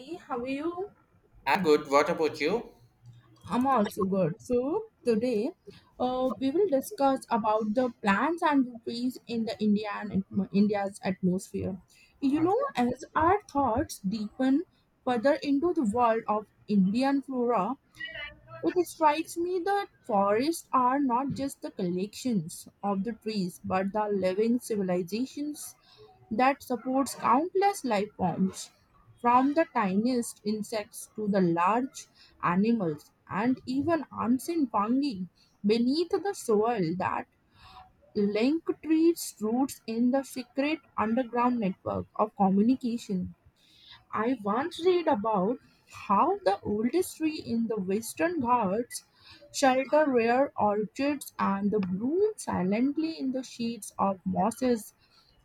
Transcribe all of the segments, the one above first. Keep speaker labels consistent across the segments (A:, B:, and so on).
A: Hey, how are you?
B: I'm good. What about you?
A: I'm also good. So today, we will discuss about the plants and trees in the Indian India's atmosphere. You know, as our thoughts deepen further into the world of Indian flora, it strikes me that forests are not just the collections of the trees, but the living civilizations that supports countless life forms, from the tiniest insects to the large animals and even ancient fungi beneath the soil that link trees' roots in the secret underground network of communication. I once read about how the oldest tree in the Western Ghats shelter rare orchids and the bloom silently in the sheets of mosses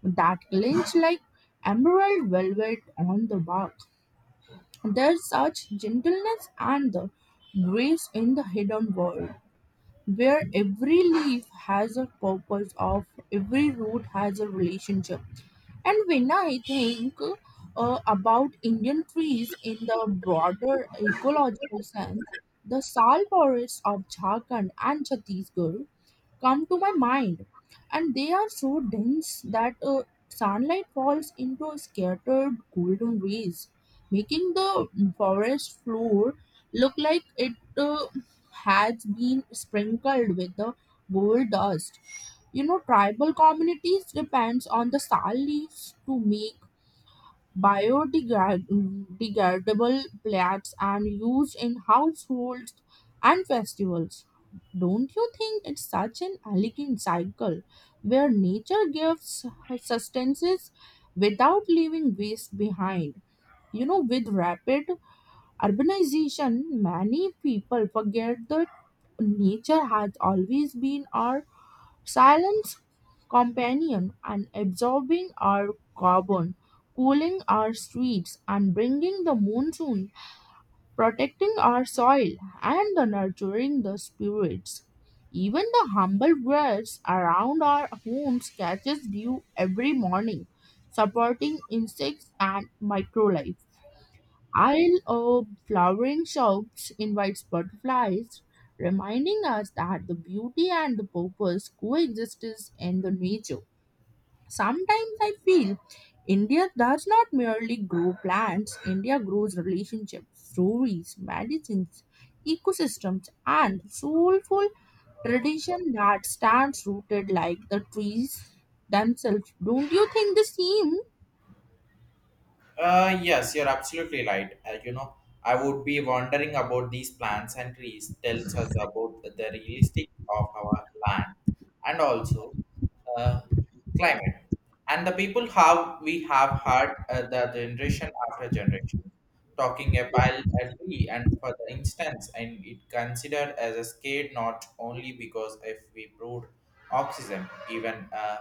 A: that glint like emerald velvet on the bark. There's such gentleness and the grace in the hidden world where every leaf has a purpose of every root has a relationship and when I think about Indian trees in the broader ecological sense the sal forests of Jharkhand and Chhattisgarh come to my mind and they are so dense that sunlight falls into scattered golden rays making the forest floor look like it has been sprinkled with the gold dust. You know, tribal communities depends on the sal leaves to make biodegradable plants and used in households and festivals. Don't you think it's such an elegant cycle where nature gives sustenance without leaving waste behind? You know, with rapid urbanization, many people forget the nature has always been our silent companion and absorbing our carbon, cooling our streets and bringing the monsoon, protecting our soil and the nurturing the spirits. Even the humble birds around our homes catches dew every morning, supporting insects and microlife. Isle of flowering shops invites butterflies, reminding us that the beauty and the purpose coexist in the nature. Sometimes I feel India does not merely grow plants, India grows relationships, stories, medicines, ecosystems, and soulful tradition that stands rooted like the trees themselves. Don't you think the same?
B: Yes, you're absolutely right. I would be wondering about these plants and trees tells us about the realistic of our land and also uh, climate and the people how we have had the generation after generation talking about a tree and for the instance and it considered as a scale not only because if we proved oxygen even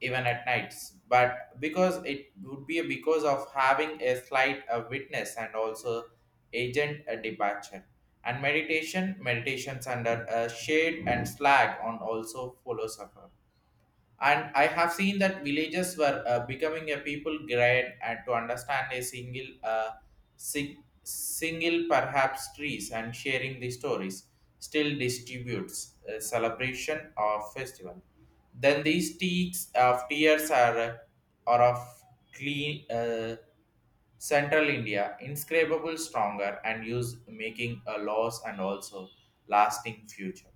B: even at nights but because it would be because of having a slight witness and also agent departure and meditations under a shade and slag on also follows up, and I have seen that villages were becoming a people grade and to understand a single single perhaps trees and sharing the stories, still distributes a celebration of festival. Then these teaks of tears are of clean, Central India, inscrutable stronger and use making a loss and also lasting future.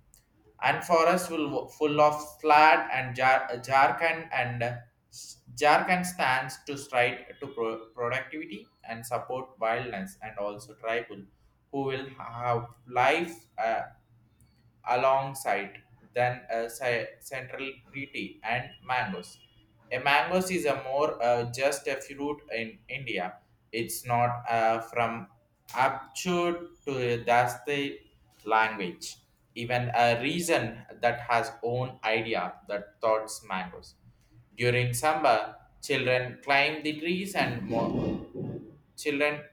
B: And forest will full of flat and jarkand and jarkand stands to stride to productivity and support wildness and also tribal who will have life alongside than a central treaty and mangoes. A mangoes is a more just a fruit in India. It's not from Apchur to Dasti language. Even a reason that has own idea that thoughts mangoes. During summer, children climb the trees and more. Children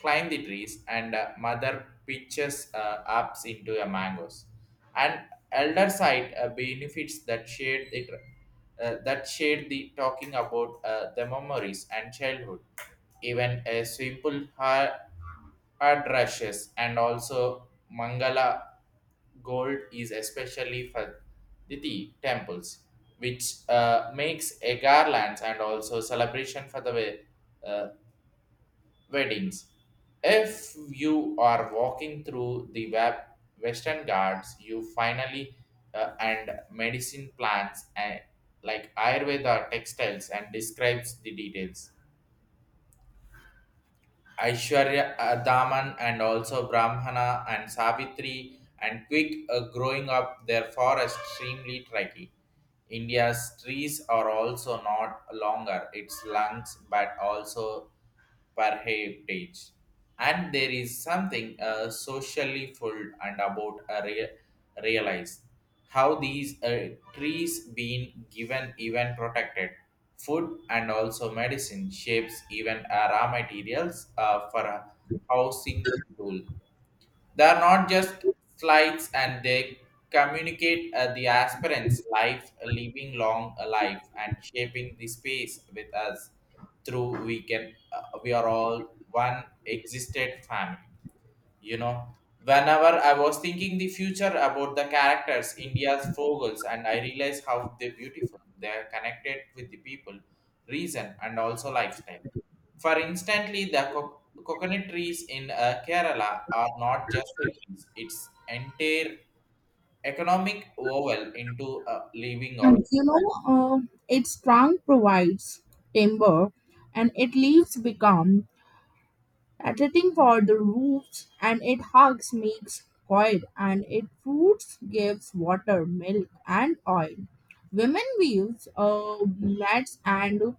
B: climb the trees, and mother pitches up into the mangoes. And elder side benefits that shared the talking about the memories and childhood, even a simple hard rushes and also Mangala gold is especially for the tea temples, which makes a garlands and also celebration for the way. Uh, Weddings. If you are walking through the Western Ghats, you finally and medicine plants and like Ayurveda textiles and describes the details. Aishwarya Daman and also Brahmana and Savitri and quick growing up their forest extremely tricky. India's trees are also not longer its lungs but also per heritage. And there is something socially full and about a realized how these trees been given even protected food and also medicine shapes even raw materials for a housing tool. They are not just slides and they communicate the aspirants life living long a life and shaping the space with us through we are all one existed family, you know. Whenever I was thinking the future about the characters India's fogels and I realized how they're beautiful they're connected with the people reason and also lifestyle. For instantly the coconut trees in Kerala are not just the trees, it's entire economic oval into a living
A: And
B: organism.
A: you know, uh, its trunk provides timber and its leaves become attracting for the roofs and its hugs makes coil and its fruits gives water, milk and oil. Women weaves nets and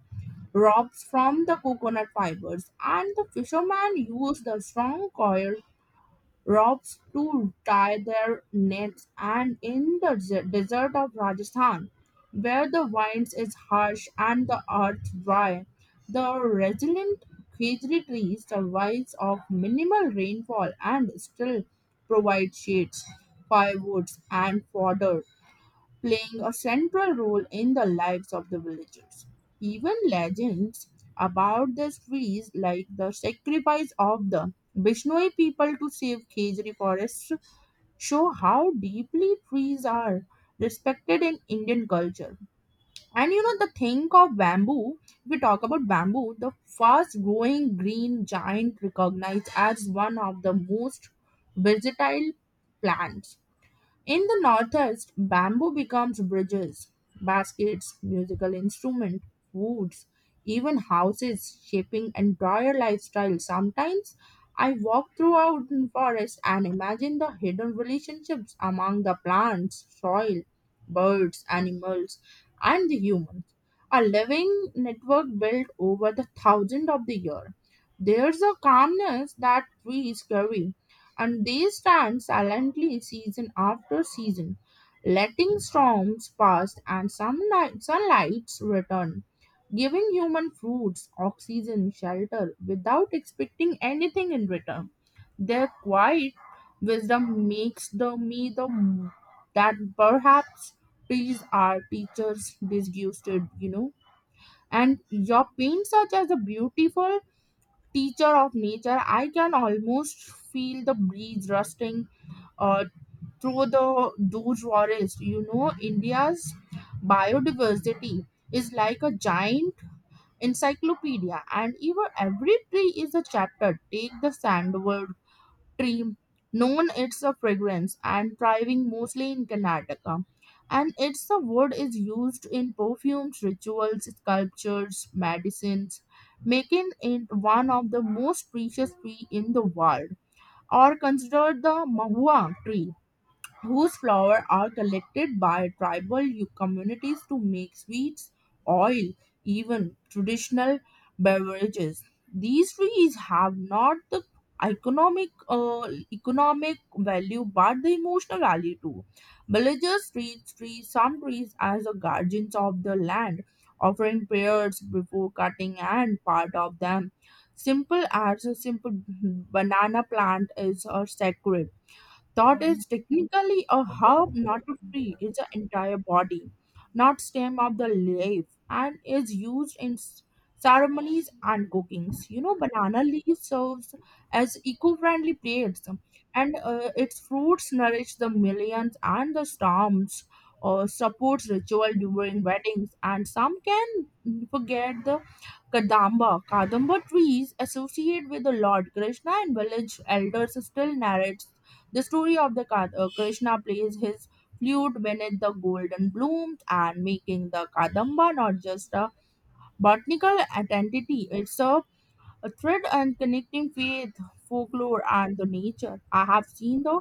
A: ropes from the coconut fibers and the fishermen use the strong coil rocks to tie their nets, and in the desert of Rajasthan, where the winds is harsh and the earth dry, the resilient khedri tree survives of minimal rainfall and still provides shades, firewoods, and fodder playing a central role in the lives of the villagers. Even legends about the trees, like the sacrifice of the Bishnoi people to save Khejri forests, show how deeply trees are respected in Indian culture. And you know, the thing of bamboo, if we talk about bamboo, the fast growing green giant recognized as one of the most versatile plants in the Northeast, bamboo becomes bridges, baskets, musical instruments, foods, even houses, shaping entire lifestyles. Sometimes I walk throughout the forest and imagine the hidden relationships among the plants, soil, birds, animals, and the humans. A living network built over the thousands of the years. There's a calmness that trees carry and they stand silently season after season, letting storms pass and sunlights return, giving human fruits oxygen, shelter without expecting anything in return. Their quiet wisdom makes the me the m- that perhaps trees are teachers disgusted, And your pain, such as a beautiful teacher of nature, I can almost feel the breeze rustling uh, to the do forest. You know, India's biodiversity is like a giant encyclopedia, and even every tree is a chapter. Take the sandalwood tree, known its a fragrance and thriving mostly in Karnataka. And its a wood is used in perfumes, rituals, sculptures, medicines, making it one of the most precious tree in the world, or considered the mahua tree whose flowers are collected by tribal communities to make sweets, oil, even traditional beverages. These trees have not the economic value but the emotional value too. Villagers treat trees some trees as the guardians of the land, offering prayers before cutting and part of them. Simple as a simple banana plant is sacred thought is technically a herb, not a tree. It's an entire body, not stem of the leaf, and is used in ceremonies and cookings. You know, banana leaf serves as eco-friendly plates, and its fruits nourish the millions and the storms. Or supports ritual during weddings, and some can forget the Kadamba. Kadamba trees associated with the Lord Krishna and village elders still narrates the story of the Krishna plays his flute beneath the golden blooms and making the Kadamba not just a botanical identity, it's a thread and connecting faith, folklore, and the nature. I have seen the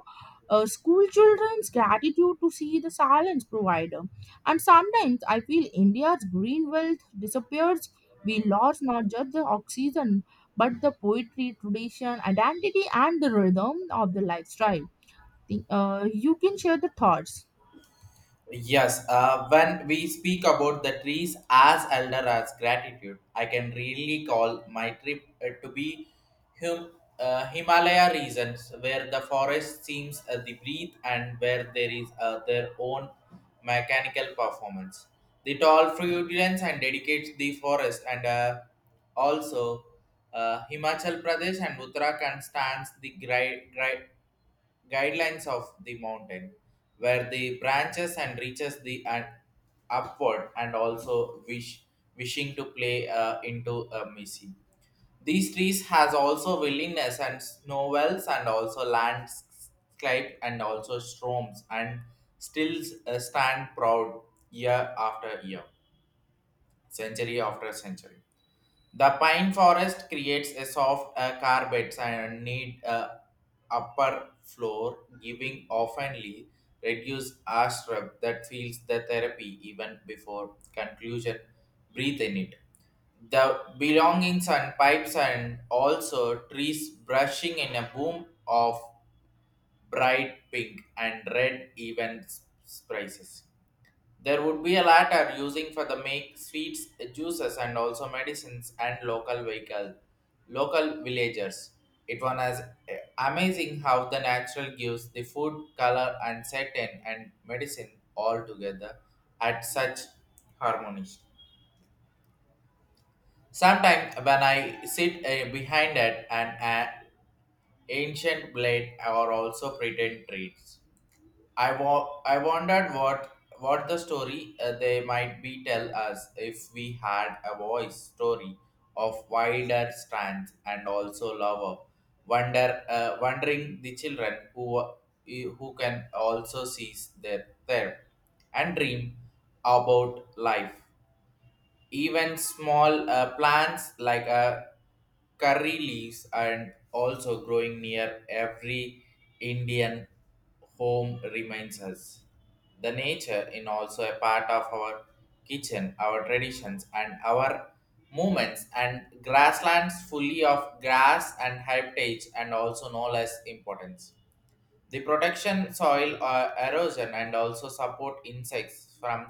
A: school children's gratitude to see the silence provider. And sometimes I feel India's green wealth disappears. We lost not just the oxygen, but the poetry, tradition, identity, and the rhythm of the lifestyle. You can share the thoughts.
B: Yes, when we speak about the trees as elder as gratitude, I can really call my trip to be hum, Himalaya regions where the forest seems the breathe and where there is their own mechanical performance. The tall fruitlands and dedicates the forest and also Himachal Pradesh and Uttarakhand stands the great guidelines of the mountain, where the branches and reaches the and upward and also wishing to play into a missy. These trees has also willingness and snow wells and also landscape and also storms and still stand proud year after year, century after century. The pine forest creates a soft carpets and need upper floor, giving oftenly reduced ashrap that feels the therapy even before conclusion. Breathe in it. The belongings and pipes and also trees brushing in a boom of bright pink and red even spices. There would be a latter using for the make sweets, juices, and also medicines and local vehicle, local villagers. It one as amazing how the natural gives the food, color, and certain and medicine all together at such harmony. Sometimes when I sit behind it, an ancient blade or also pretend trees. I wondered what the story they might be tell us if we had a voice story of wider strands and also lover wondering the children who can also seize their and dream about life, even small plants like curry leaves and also growing near every Indian home reminds us. The nature in also a part of our kitchen, our traditions and our movements and grasslands fully of grass and heritage and also no less importance. The protection soil erosion and also support insects from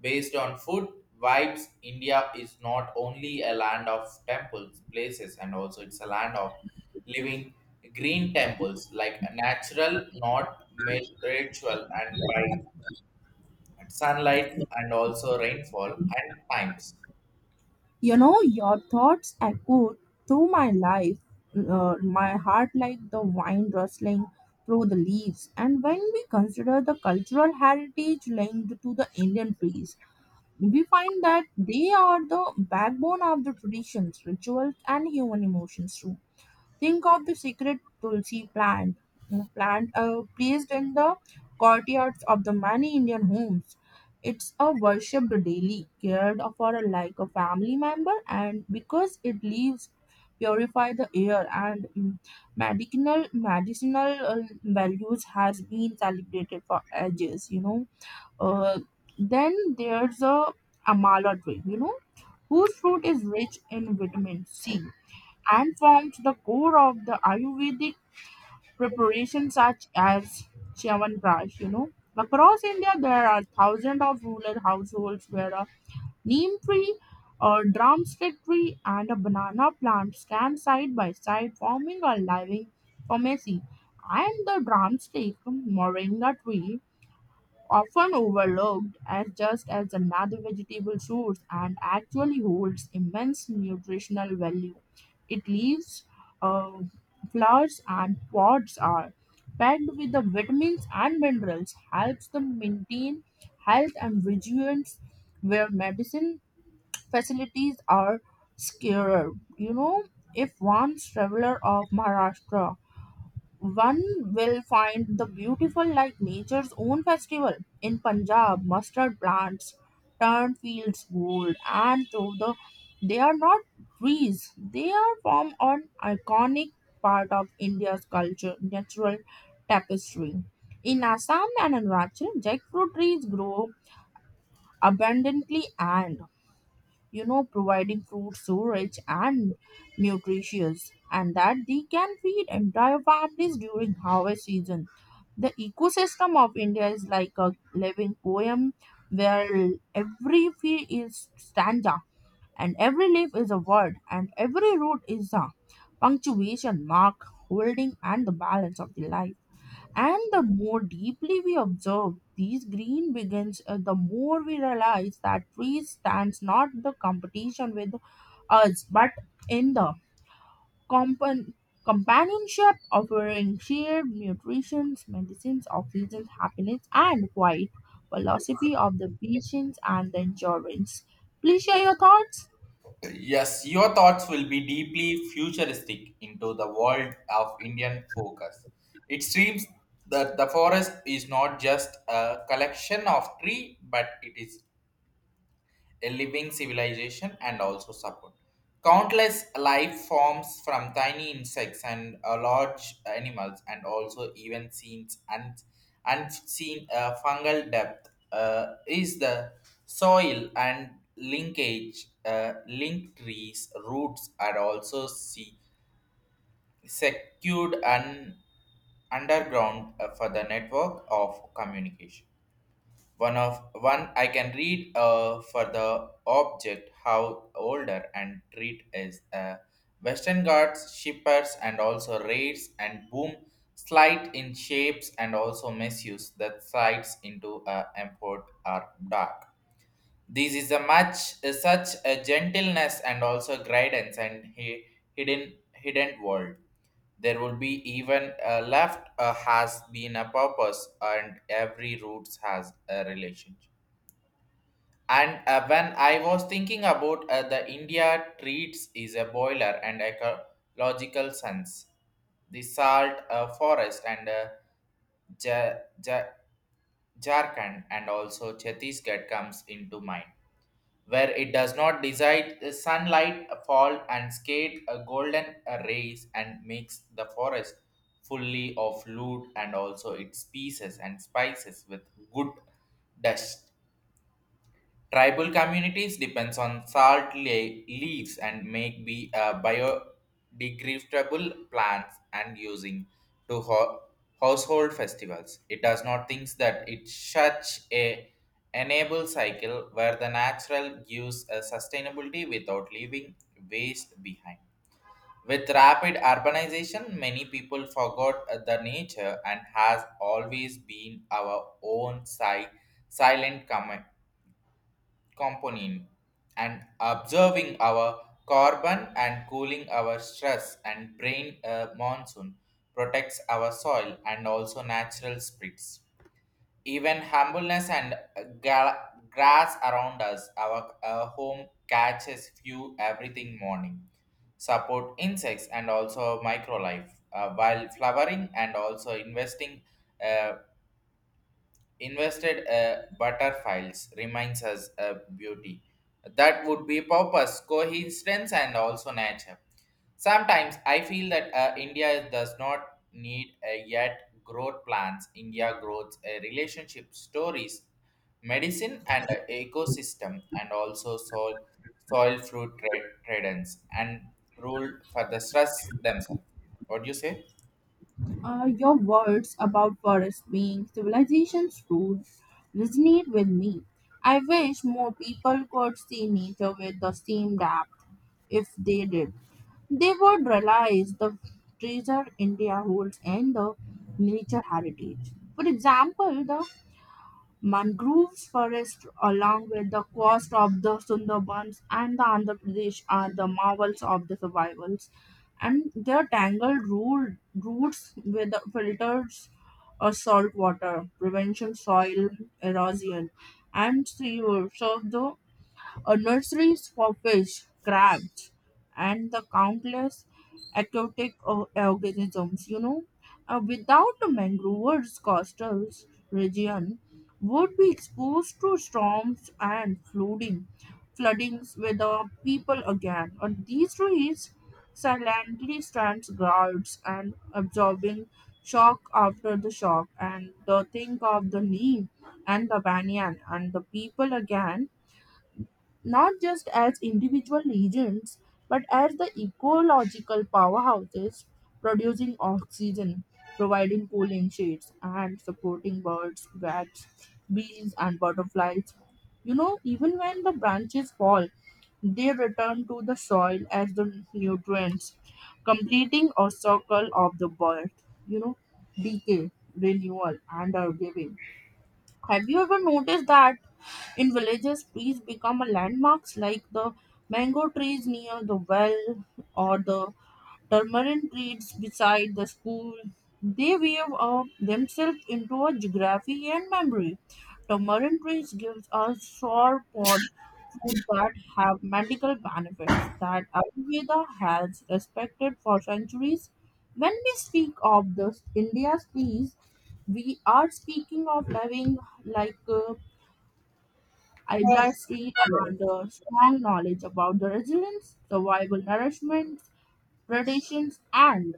B: based on food vibes. India is not only a land of temples, places, and also it's a land of living green temples like natural, not ma- ritual, and by sunlight and also rainfall and times.
A: You know, your thoughts echo through my life, my heart like the wind rustling through the leaves. And when we consider the cultural heritage linked to the Indian trees, we find that they are the backbone of the traditions, rituals, and human emotions too. Think of the secret tulsi plant, you know, plant placed in the courtyards of the many Indian homes. It's a worshipped daily, cared for like a family member, and because it leaves purify the air and medicinal values has been celebrated for ages. You know, uh, then there's a amala tree. You know, whose fruit is rich in vitamin C and formed the core of the Ayurvedic preparations such as Chyawanprash, you know. Across India, there are thousands of rural households where a neem tree, a drumstick tree, and a banana plant stand side by side, forming a living pharmacy. And the drumstick moringa tree often overlooked as just as another vegetable source and actually holds immense nutritional value. It leaves uh, flowers and pods are packed with the vitamins and minerals, helps them maintain health and vigilance where medicine facilities are scarer. You know, if one traveler of Maharashtra one will find the beautiful like nature's own festival. In Punjab, mustard plants turn fields gold, and they are not trees, they are form an iconic part of India's culture, natural tapestry. In Assam and Arunachal, jackfruit trees grow abundantly and you know providing fruit so rich and nutritious and that they can feed entire families during harvest season. The ecosystem of India is like a living poem where every field is stanza and every leaf is a word and every root is a punctuation mark holding and the balance of the life and the more deeply we observe these green begins, the more we realize that trees stands not the competition with us, but in the compan- companionship, offering shared nutrition, medicines, oxygen, happiness, and quiet philosophy of the patience and the endurance. Please share your thoughts.
B: Yes, your thoughts will be deeply futuristic into the world of Indian focus. It seems that the forest is not just a collection of tree, but it is a living civilization and also support countless life forms from tiny insects and large animals and also even scenes and unseen fungal depth is the soil and linkage link trees roots are also see secured and underground for the network of communication. One of one I can read for the object how older and treat is Western Ghats shippers and also raids and boom slight in shapes and also misuse that sides into import are dark. This is a much such a gentleness and also guidance and hidden world. There will be even a left has been a purpose and every roots has a relationship. And when I was thinking about the India treats is a boiler and ecological sense, the salt forest and Ja- Ja- Jharkhand and also Chhattisgarh comes into mind, where it does not decide the sunlight fall and skate a golden rays and makes the forest fully of loot and also its pieces and spices with good dust. Tribal communities depends on salt leaves and make be biodegradable plants and using to household festivals. It does not think that it's such a enable cycle where the natural gives a sustainability without leaving waste behind. With rapid urbanization, many people forgot the nature and has always been our own silent component and observing our carbon and cooling our stress and brain monsoon, protects our soil and also natural sprits, even humbleness and grass around us our home catches few everything morning, support insects and also microlife while flowering and also investing uh, invested butterflies reminds us a beauty that would be purpose coincidence and also nature. Sometimes I feel that India does not need yet growth plans, India grows relationship stories medicine and ecosystem and also soil fruit trade traders and rule for the stress themselves. What do you say?
A: Your words about forests being civilization's root resonate with me. I wish more people could see nature with the same depth. If they did, they would realize the treasure India holds and the nature heritage. For example, the Mangroves forests along with the coast of the Sundarbans and the Andhra Pradesh are the marvels of the survivals and their tangled roots with the filters or salt water, prevention soil erosion and sewer. So the nurseries for fish, crabs, and the countless aquatic organisms. You know, without the mangroves, coastal region would be exposed to storms and floodings with the people again. And these trees silently stands guards and absorbing shock after the shock and the think of the knee and the banyan and the people again not just as individual agents but as the ecological powerhouses producing oxygen, providing cooling shades, and supporting birds, bats, bees, and butterflies. You know, even when the branches fall, they return to the soil as the nutrients, completing a circle of the birth, you know, decay, renewal, and our giving. Have you ever noticed that in villages, trees become a landmarks like the mango trees near the well or the permanent reeds beside the school. They weave up themselves into a geography and memory. Tamarind trees gives us sure pot food that have medical benefits that Ayurveda has respected for centuries. When we speak of the India's trees, we are speaking of living like a Ibla tree and a strong knowledge about the resilience, survival, nourishment, traditions, and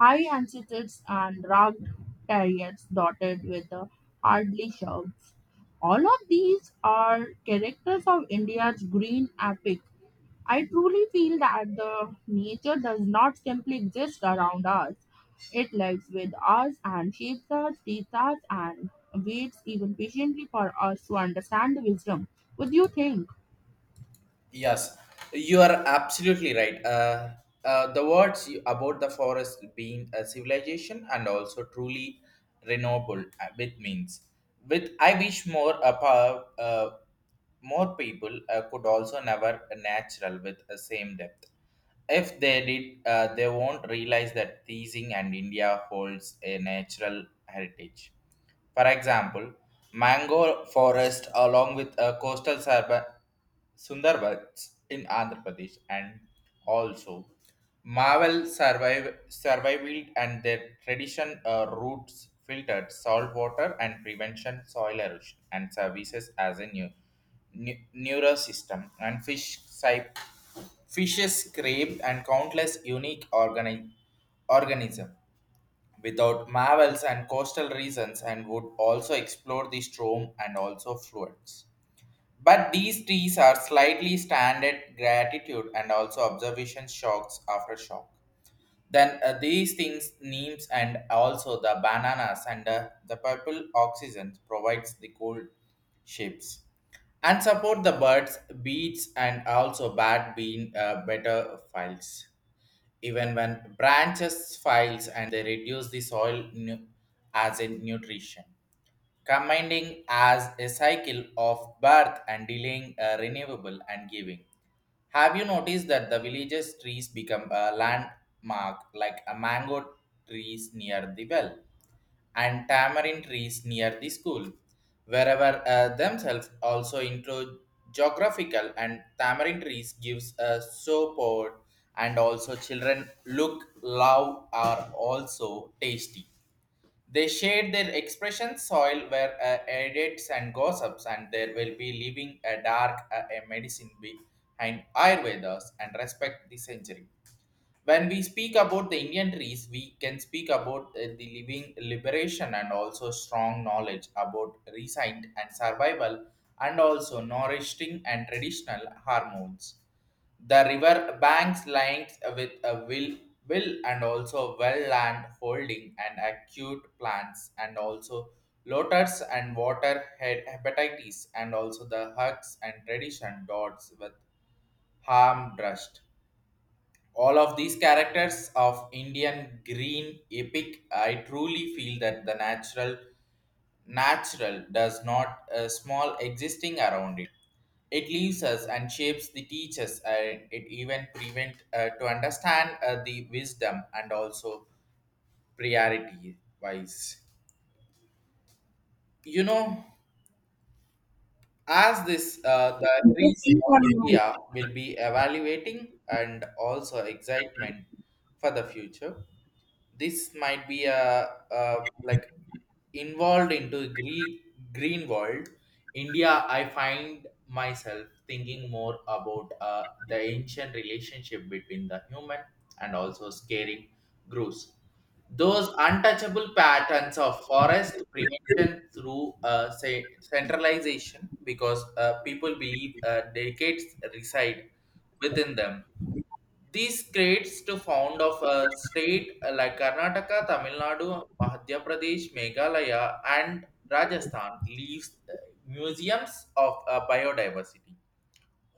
A: high antitheses and rugged terrains dotted with the hardly shrubs. All of these are characters of India's green epic. I truly feel that the nature does not simply exist around us. It lives with us and shapes us, teaches us, and waits even patiently for us to understand the wisdom. What do you think?
B: Yes, you are absolutely right. The words you, about the forest being a civilization and also truly renewable with means. With I wish more more people could also never natural with the same depth. If they did, they won't realize that teasing and India holds a natural heritage. For example, mango forest along with coastal Sundarbans in Andhra Pradesh and also Marvel survived and their tradition roots filtered salt water and prevention soil erosion and services as a new neural system and fishes scrape and countless unique organism. Without marvels and coastal regions, and would also explore the storm and also fluids. But these trees are slightly standard gratitude and also observation shocks after shock. Then these things, neems and also the bananas and the purple oxygen provides the cold shapes and support the birds, beets and also bad bean better files, even when branches files and they reduce the soil as in nutrition, commanding as a cycle of birth and delaying renewable and giving. Have you noticed that the villages trees become a landmark like a mango trees near the well and tamarind trees near the school, wherever themselves also into geographical and tamarind trees gives a support and also children look love are also tasty. They shared their expressions, soil were edits and gossips, and there will be leaving a dark a medicine behind Ayurvedas and respect the century. When we speak about the Indian trees we can speak about the living liberation and also strong knowledge about recent and survival and also nourishing and traditional hormones. The river banks lined with a will and also well land holding and acute plants and also lotus and water head hepatitis and also the hugs and tradition dots with harm drust. All of these characters of Indian green epic. I truly feel that the natural does not small existing around it. It leaves us and shapes the teachers and it even prevent to understand the wisdom and also priority wise, you know. As this the
A: Yes,
B: trees
A: you
B: of
A: are
B: India
A: right.
B: will be evaluating and also excitement for the future. This might be a like involved into Greek green world India. I find myself thinking more about the ancient relationship between the human and also scaring groups, those untouchable patterns of forest prevention through say centralization, because people believe decades reside within them. These creates to found of a state like Karnataka, Tamil Nadu, Madhya Pradesh, Meghalaya, and Rajasthan leaves museums of biodiversity,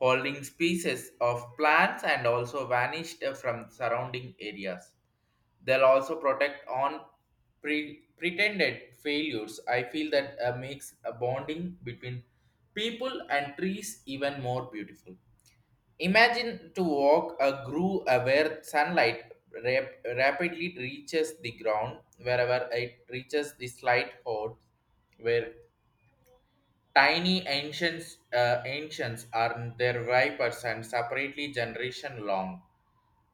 B: holding species of plants and also vanished from surrounding areas. They'll also protect on pretended failures. I feel that makes a bonding between people and trees even more beautiful. Imagine to walk a groove where sunlight rapidly reaches the ground, wherever it reaches the slight hole, where tiny ancients are their vipers and separately generation long.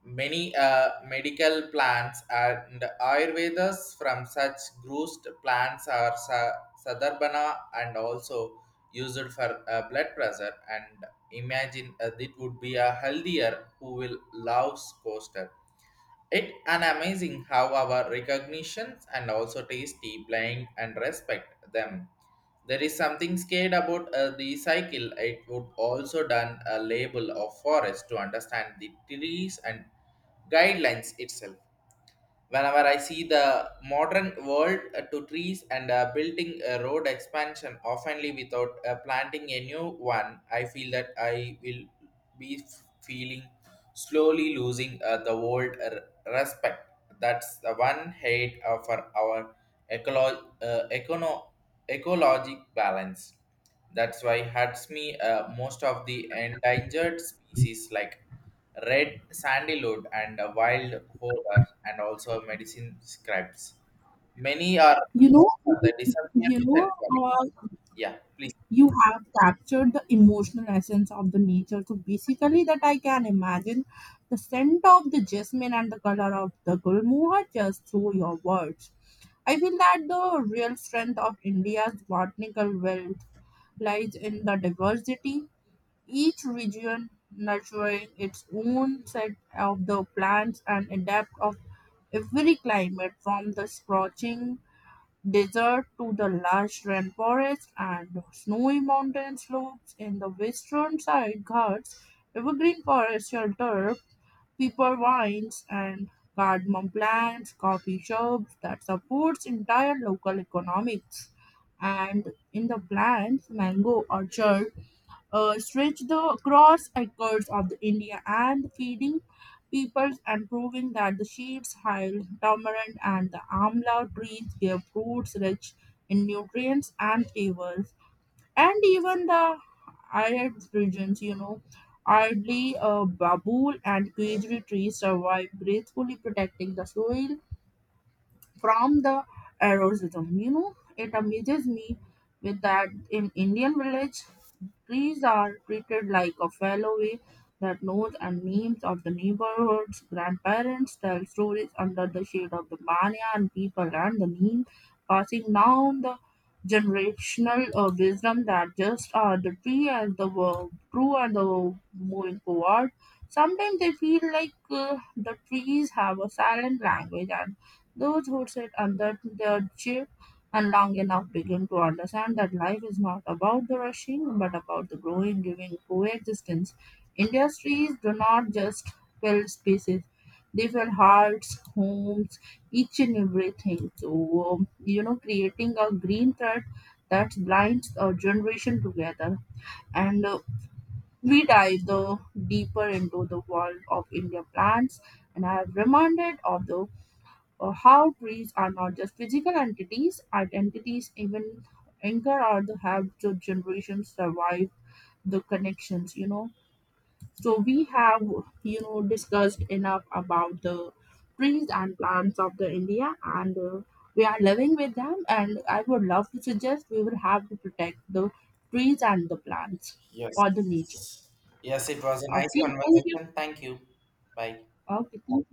B: Many medical plants and Ayurvedas from such grossed plants are sadarbana and also used for blood pressure. And imagine it would be a healthier who will love coaster. It an amazing how our recognitions and also tasty blind and respect them. There is something scared about the cycle. It would also done a label of forest to understand the trees and guidelines itself. Whenever I see the modern world to trees and building a road expansion oftenly without planting a new one, I feel that I will be feeling slowly losing the old respect. That's the one hate for our ecolo- uh, econo- ecologic balance. That's why hurts me most of the endangered species like red sandyload and a wild horror and also medicine scripts. Many are
A: You know,
B: for the
A: you
B: disappearance and
A: know,
B: quality.
A: uh,
B: Yeah, please.
A: you have captured the emotional essence of the nature so basically that I can imagine the scent of the jasmine and the color of the gulmohar just through your words. I feel that the real strength of India's botanical wealth lies in the diversity each region nurturing its own set of the plants and adapt of every climate from the scorching desert to the lush rainforest and snowy mountain slopes in the western side guards evergreen forest shelter pepper vines and cardamom plants, coffee shops that supports entire local economics. And in the plants, mango orchard stretch the across acres of the India and feeding peoples and proving that the sheep's hide, tamarind, and the amla trees give fruits rich in nutrients and flavors. And even the arid regions, you know, hardly a babul and quajri trees survive gracefully protecting the soil from the erosion. You know, it amazes me with that in Indian village trees are treated like a fairway that knows and names of the neighborhoods. Grandparents tell stories under the shade of the banyan people and the neem, passing down the generational wisdom that just are the tree and the true and the moving forward. Sometimes they feel like the trees have a silent language and those who sit under their shade and long enough, begin to understand that life is not about the rushing but about the growing, giving coexistence. Industries do not just build spaces, they fill hearts, homes, each and everything. So, you know, creating a green thread that binds a generation together. And we dive the deeper into the world of India plants. And I have reminded of the how trees are not just physical entities, identities even anchor or the have the generations survive the connections, you know. So we have, you know, discussed enough about the trees and plants of the India and we are living with them and I would love to suggest we will have to protect the trees and the plants
B: Yes.
A: for the nature.
B: Yes, it was a nice
A: Okay, thank you.
B: conversation. Thank you. Bye.
A: Okay, thank